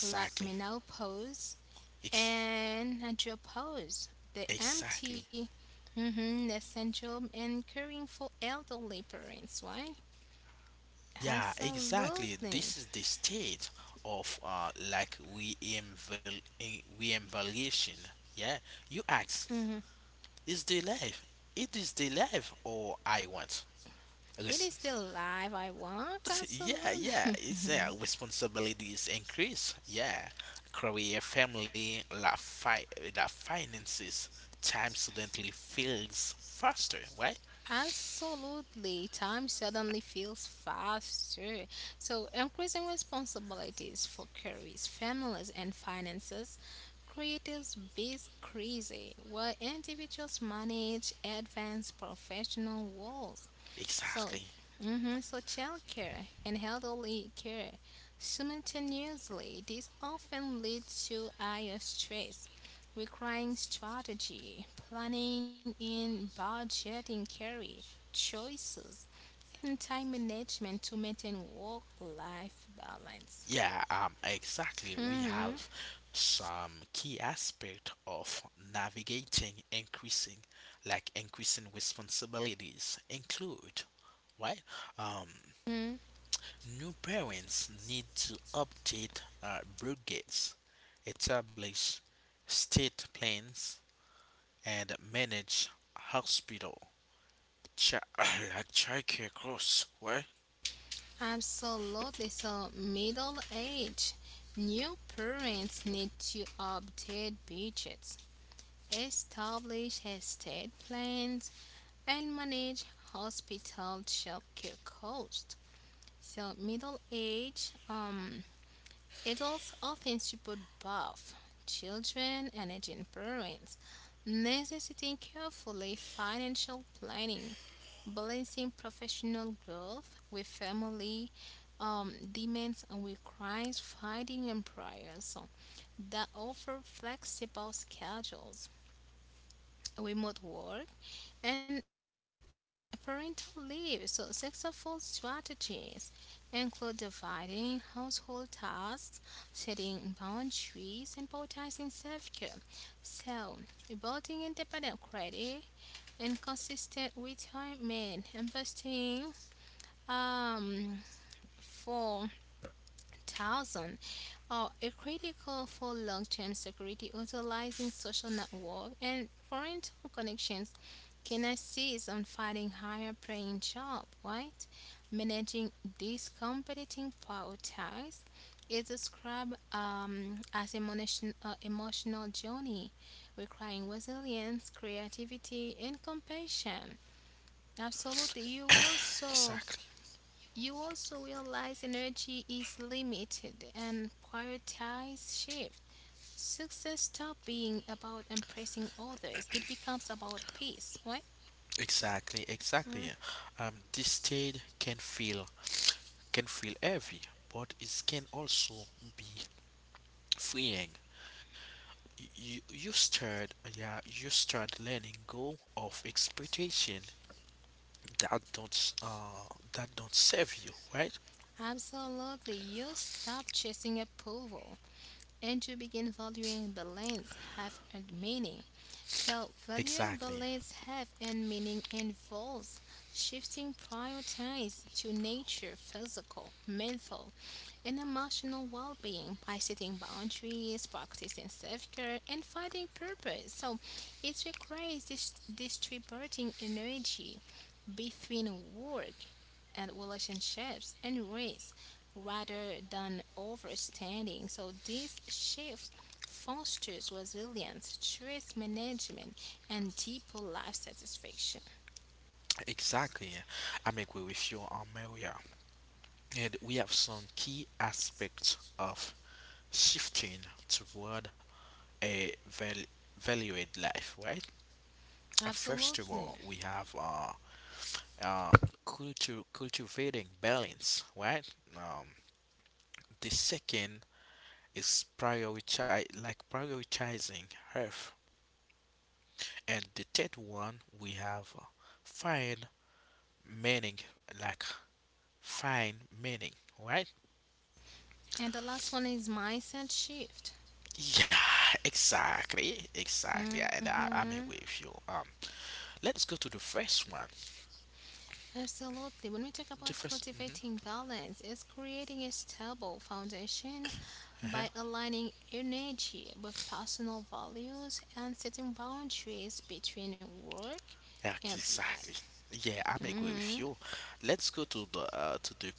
Speaker 2: like menopause
Speaker 1: Ex-
Speaker 2: and andropause, the
Speaker 1: exactly.
Speaker 2: empty mm-hmm, the syndrome and caring for elderly parents, right?
Speaker 1: Yeah, exactly.
Speaker 2: Absolutely.
Speaker 1: This is the state of, reinvaluation. Yeah, you ask,
Speaker 2: Mhm.
Speaker 1: is the life? It is the life or I want.
Speaker 2: It is
Speaker 1: Listen,
Speaker 2: the life I want,
Speaker 1: yeah, yeah,
Speaker 2: absolutely.
Speaker 1: it's yeah. Responsibilities increase. Yeah, career, family, la fi- la finances. Time suddenly feels faster, right?
Speaker 2: Absolutely. Time suddenly feels faster. So, increasing responsibilities for careers, families, and finances creates biz crazy, where individuals manage advanced professional roles so,
Speaker 1: Exactly.
Speaker 2: mm-hmm, so childcare and elderly care simultaneously. This often leads to higher stress, requiring strategy, planning, and budgeting carry choices and time management to maintain work-life balance.
Speaker 1: Yeah, exactly. We
Speaker 2: Hmm.
Speaker 1: have some key aspect of navigating increasing responsibilities include, right? Um,
Speaker 2: Mhm.
Speaker 1: New parents need to update, budgets, establish state plans, and manage hospital like childcare costs. What?
Speaker 2: Absolutely. So, middle age, new parents need to update budgets, establish estate plans, and manage hospital childcare costs. So, middle age adults often support both children and aging parents, necessitating carefully financial planning, balancing professional growth with family demands and requires fighting employers so, that offer flexible schedules remote work, and parental leave. So, successful strategies include dividing household tasks, setting boundaries, and prioritizing self care. So, building independent credit and consistent retirement, investing um, for thousand are a critical for long-term security. Utilizing social network and parental connections can assist on finding higher paying job, right? Managing these competing power ties is described emotional journey requiring resilience, creativity, and compassion. Absolutely.
Speaker 1: Exactly.
Speaker 2: You also realize energy is limited and prioritize shift. Success stop being about impressing others. It becomes about peace, right?
Speaker 1: Exactly. Exactly.
Speaker 2: Mm.
Speaker 1: This state can feel heavy, but it can also be freeing. You start, yeah, you start letting go of expectation that don't, that don't serve you, right?
Speaker 2: Absolutely. You stop chasing approval. And to begin valuing the lands have and meaning. So, valuing the
Speaker 1: Exactly.
Speaker 2: lands have and meaning involves shifting priorities to nature, physical, mental, and emotional well being by setting boundaries, practicing self care, and finding purpose. So, it requires distributing energy between work and relationships and race rather than overstanding. So this shift fosters resilience, stress management, and deeper life satisfaction.
Speaker 1: Exactly. I'm agree with you on, Maria. And we have some key aspects of shifting toward a valued life, right? First of
Speaker 2: Absolutely.
Speaker 1: all we have uh cultivating balance, right? um the second is, prioritize like prioritizing health. And the third one we have, find meaning, like find meaning, right?
Speaker 2: And the last one is mindset shift.
Speaker 1: Yeah, exactly, exactly. And I'm
Speaker 2: Mhm.
Speaker 1: agree with you. Let's go to the first one.
Speaker 2: Absolutely. When we talk about
Speaker 1: The 1st. Mm-hmm.
Speaker 2: cultivating balance, it's creating a stable foundation by
Speaker 1: Uh-huh.
Speaker 2: aligning energy with personal values and setting boundaries between work
Speaker 1: Yeah,
Speaker 2: and
Speaker 1: exactly.
Speaker 2: life.
Speaker 1: Yeah, I'm agree with
Speaker 2: Hmm.
Speaker 1: you. Let's go to the,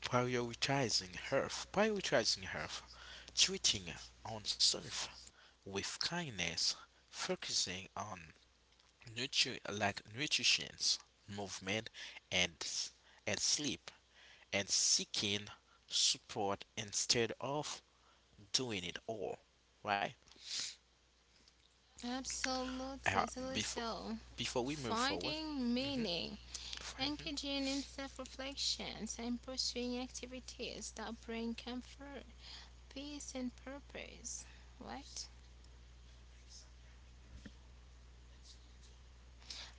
Speaker 1: prioritizing health, treating on self with kindness, focusing on nutrition, movement, and sleep. And seeking support instead of doing it all, right?
Speaker 2: Absolutely,
Speaker 1: Uh,
Speaker 2: absolutely
Speaker 1: before
Speaker 2: so.
Speaker 1: Before we move forward.
Speaker 2: Finding
Speaker 1: hmm
Speaker 2: meaning, engaging in self reflections, and pursuing activities that bring comfort, peace, and purpose. Right?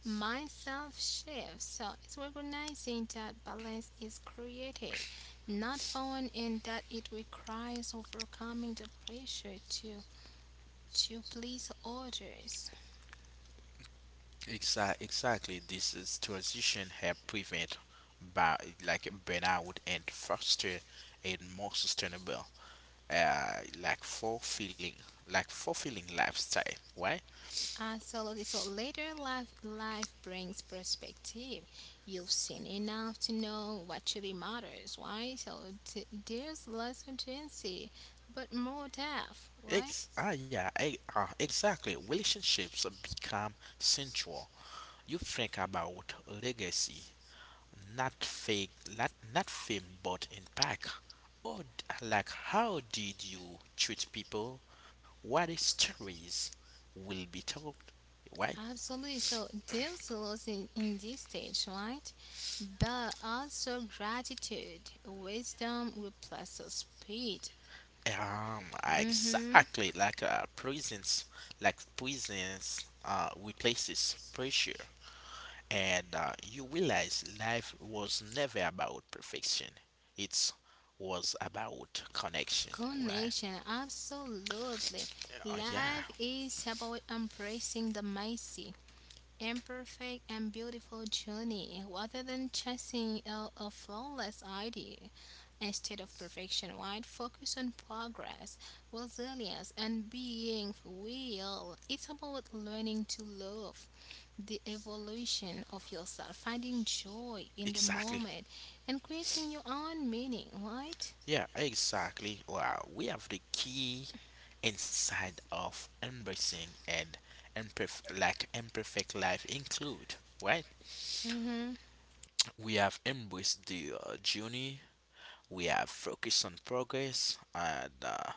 Speaker 2: Myself shifts. So it's recognizing that balance is created, not falling in that it requires overcoming the pressure to please others.
Speaker 1: Exactly. This is transition help prevent by, like, burnout and foster a more sustainable, fulfilling, lifestyle, right?
Speaker 2: Absolutely. So later life brings perspective. You've seen enough to know what truly matters, right? So there's less urgency, but more depth, right?
Speaker 1: Yeah, exactly. Relationships become central. You think about legacy. Not fake, not fame, but impact. Or like, how did you treat people? What stories will be told? Why?
Speaker 2: Absolutely. So there's a loss in this stage, right? But also gratitude, wisdom replaces speed. Mm-hmm.
Speaker 1: Exactly, like, prisons, replaces pressure, and, you realize life was never about perfection. It was about connection. Why?
Speaker 2: Connection, absolutely.
Speaker 1: Yeah,
Speaker 2: Life is about embracing the messy, imperfect, and beautiful journey rather than chasing a flawless ideal. Instead of perfection, right? Focus on progress, resilience, and being real. It's about learning to love the evolution of yourself, finding joy in the
Speaker 1: exactly.
Speaker 2: moment, and creating your own meaning, right?
Speaker 1: Yeah, exactly. Wow, we have the key inside of embracing and imperfect life include, right?
Speaker 2: Mm-hmm.
Speaker 1: We have embraced the, journey. We have focused on progress, and,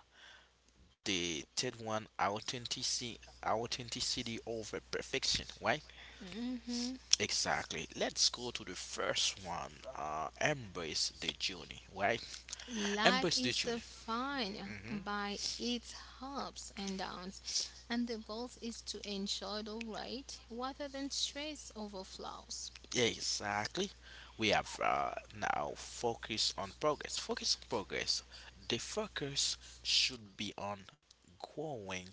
Speaker 1: the third one, authenticity, over perfection, right?
Speaker 2: Mm-hmm.
Speaker 1: Exactly. Let's go to the first one. Embrace the journey, right?
Speaker 2: Life
Speaker 1: Embrace the
Speaker 2: is
Speaker 1: journey.
Speaker 2: defined
Speaker 1: Mhm.
Speaker 2: by its ups and downs, and the goal is to enjoy the ride rather than stress over flaws.
Speaker 1: Yeah, exactly. We have, now focus on progress. Focus on progress. The focus should be on growing,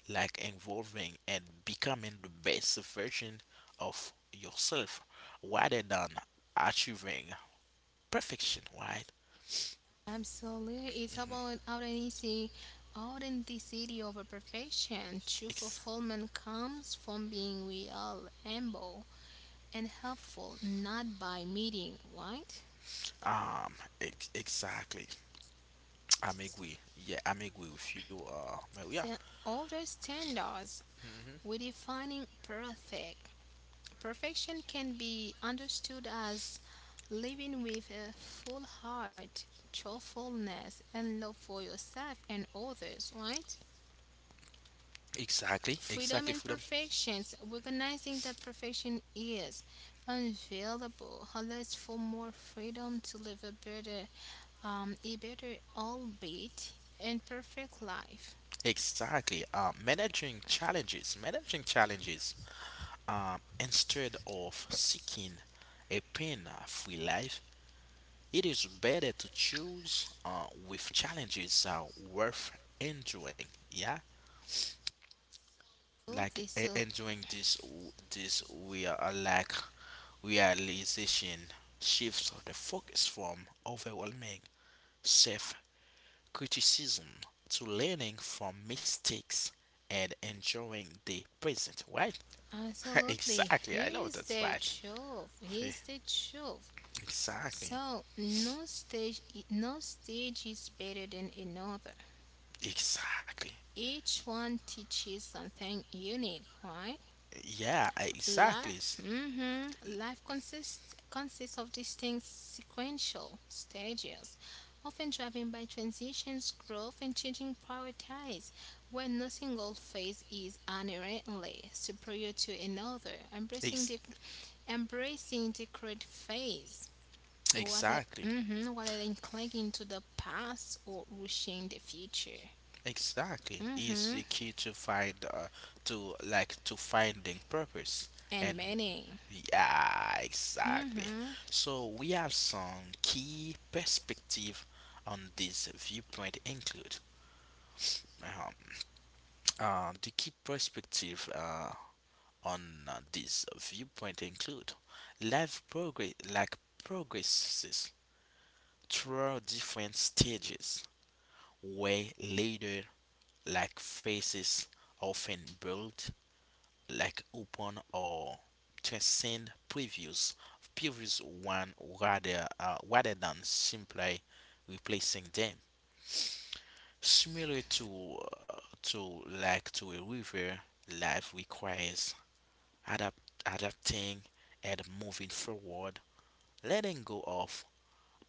Speaker 1: like involving and becoming the best version of yourself, rather than achieving perfection. Right?
Speaker 2: Absolutely. It's about authenticity over perfection. True
Speaker 1: Ex-
Speaker 2: fulfillment comes from being real, humble, and helpful, not by meeting, right?
Speaker 1: um. Exactly. I'm agree. Yeah, I'm agree with you, Maria.
Speaker 2: So older standards
Speaker 1: hmm
Speaker 2: we defining perfect. Perfection can be understood as living with a full heart, truthfulness, and love for yourself and others, right?
Speaker 1: Exactly.
Speaker 2: Freedom
Speaker 1: Exactly.
Speaker 2: and
Speaker 1: Freedom.
Speaker 2: perfections, recognizing that perfection is unavailable, allows for more freedom to live a better, albeit imperfect life.
Speaker 1: Exactly. Managing challenges. Instead of seeking a pain-free life, it is better to choose, with challenges are worth enjoying. Yeah, like
Speaker 2: Absolutely, so
Speaker 1: enjoying this. This we are like realization shifts the focus from overwhelming self-criticism to learning from mistakes and enjoying the present. Why?
Speaker 2: absolutely.
Speaker 1: Exactly. I
Speaker 2: Here
Speaker 1: love
Speaker 2: is
Speaker 1: that
Speaker 2: the
Speaker 1: fact.
Speaker 2: truth.
Speaker 1: Yeah,
Speaker 2: Here's the truth.
Speaker 1: exactly.
Speaker 2: So no stage, no stage is better than another.
Speaker 1: Exactly.
Speaker 2: Each one teaches something unique, right?
Speaker 1: Yeah, exactly.
Speaker 2: Life consists of distinct sequential stages, often driven by transitions, growth, and changing priorities, where no single phase is inherently superior to another.
Speaker 1: Ex-
Speaker 2: Embracing the current phase,
Speaker 1: exactly.
Speaker 2: rather than clinging to the past or rushing the future.
Speaker 1: Exactly is the
Speaker 2: Hmm.
Speaker 1: key to finding purpose
Speaker 2: And
Speaker 1: and,
Speaker 2: meaning.
Speaker 1: yeah, exactly.
Speaker 2: Hmm.
Speaker 1: So we have some key perspective on this viewpoint include, um, the key perspective. On this viewpoint include life progresses through different stages where later, like, faces often build, like, upon or transcend previous one, rather, than simply replacing them. Similar to, uh, to a river, life requires adapt, adapting, and moving forward, letting go of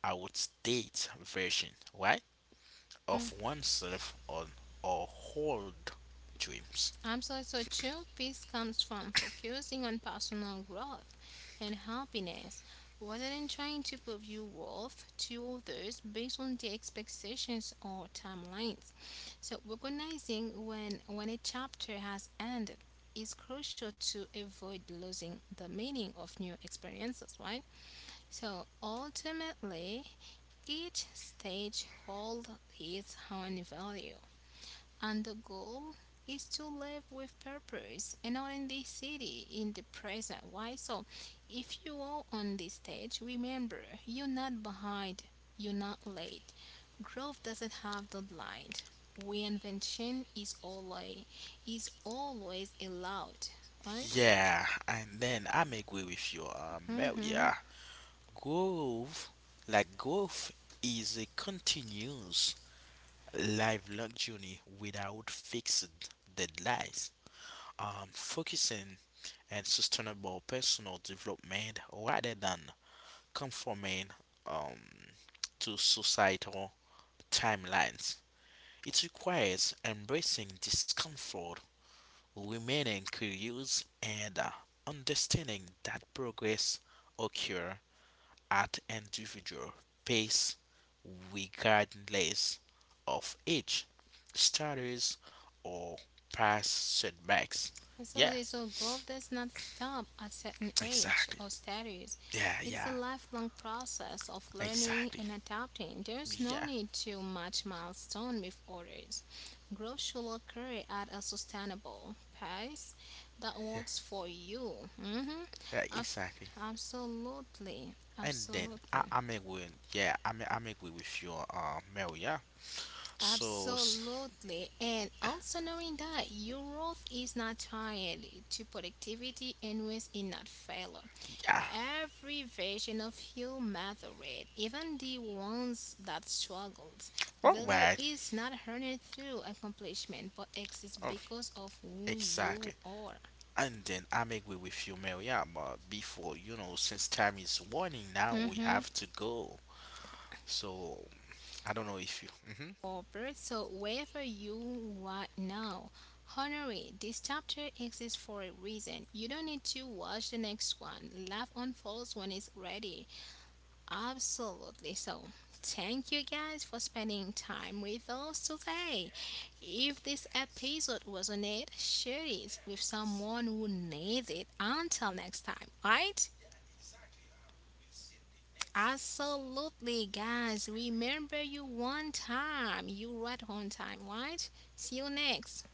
Speaker 1: outdated version, right, of oneself on or old dreams.
Speaker 2: Absolutely. So true peace comes from focusing on personal growth and happiness rather than trying to prove your worth to others based on their expectations or timelines. So recognizing when a chapter has ended is crucial to avoid losing the meaning of new experiences, right? So ultimately each stage holds its own value and the goal is to live with purpose and not in this city, in the present. Why? So, if you are on this stage, remember you're not behind, you're not late. Growth doesn't have deadline. Reinvention is always allowed, right?
Speaker 1: Yeah, and then I'm agree with you,
Speaker 2: Mm-hmm.
Speaker 1: Maria. Growth, like growth, is a continuous lifelong journey without fixed deadlines. Focusing and sustainable personal development rather than conforming, um, to societal timelines. It requires embracing discomfort, remaining curious, and, understanding that progress occurs at individual pace regardless of age, status, or past setbacks. Yeah,
Speaker 2: Absolutely. So growth does not stop at certain age
Speaker 1: exactly.
Speaker 2: or status.
Speaker 1: Yeah,
Speaker 2: It's a
Speaker 1: yeah,
Speaker 2: lifelong process of learning
Speaker 1: exactly.
Speaker 2: and adapting. There's no
Speaker 1: Yeah,
Speaker 2: need to match milestone with others. Growth should occur at a sustainable pace that
Speaker 1: yeah,
Speaker 2: works for you. Hmm.
Speaker 1: yeah, exactly.
Speaker 2: Absolutely.
Speaker 1: And then
Speaker 2: Absolutely.
Speaker 1: I'm agree. Yeah, I'm agree with you, Mel. Yeah. So s-
Speaker 2: Absolutely. And also knowing that your growth is not tied to productivity and was in not failure.
Speaker 1: yeah.
Speaker 2: Every version of you mattered, even the ones that struggled.
Speaker 1: All
Speaker 2: Value
Speaker 1: right.
Speaker 2: is not earned through accomplishment, but exists
Speaker 1: Oh,
Speaker 2: because of who
Speaker 1: exactly.
Speaker 2: you are.
Speaker 1: And then I'm agree with you, Mel. Yeah. But before since time is warning now, we
Speaker 2: Mm-hmm.
Speaker 1: have to go. So I don't know if you. Mhm.
Speaker 2: Harper. So, wherever you are now, honor it. This chapter exists for a reason. You don't need to watch the next one. Life unfolds when it's ready. Absolutely. So, thank you guys for spending time with us today. If this episode was on it, share it with someone who needs it. Until next time, right? Absolutely, guys. Remember you one time. You right on time, right? See you next.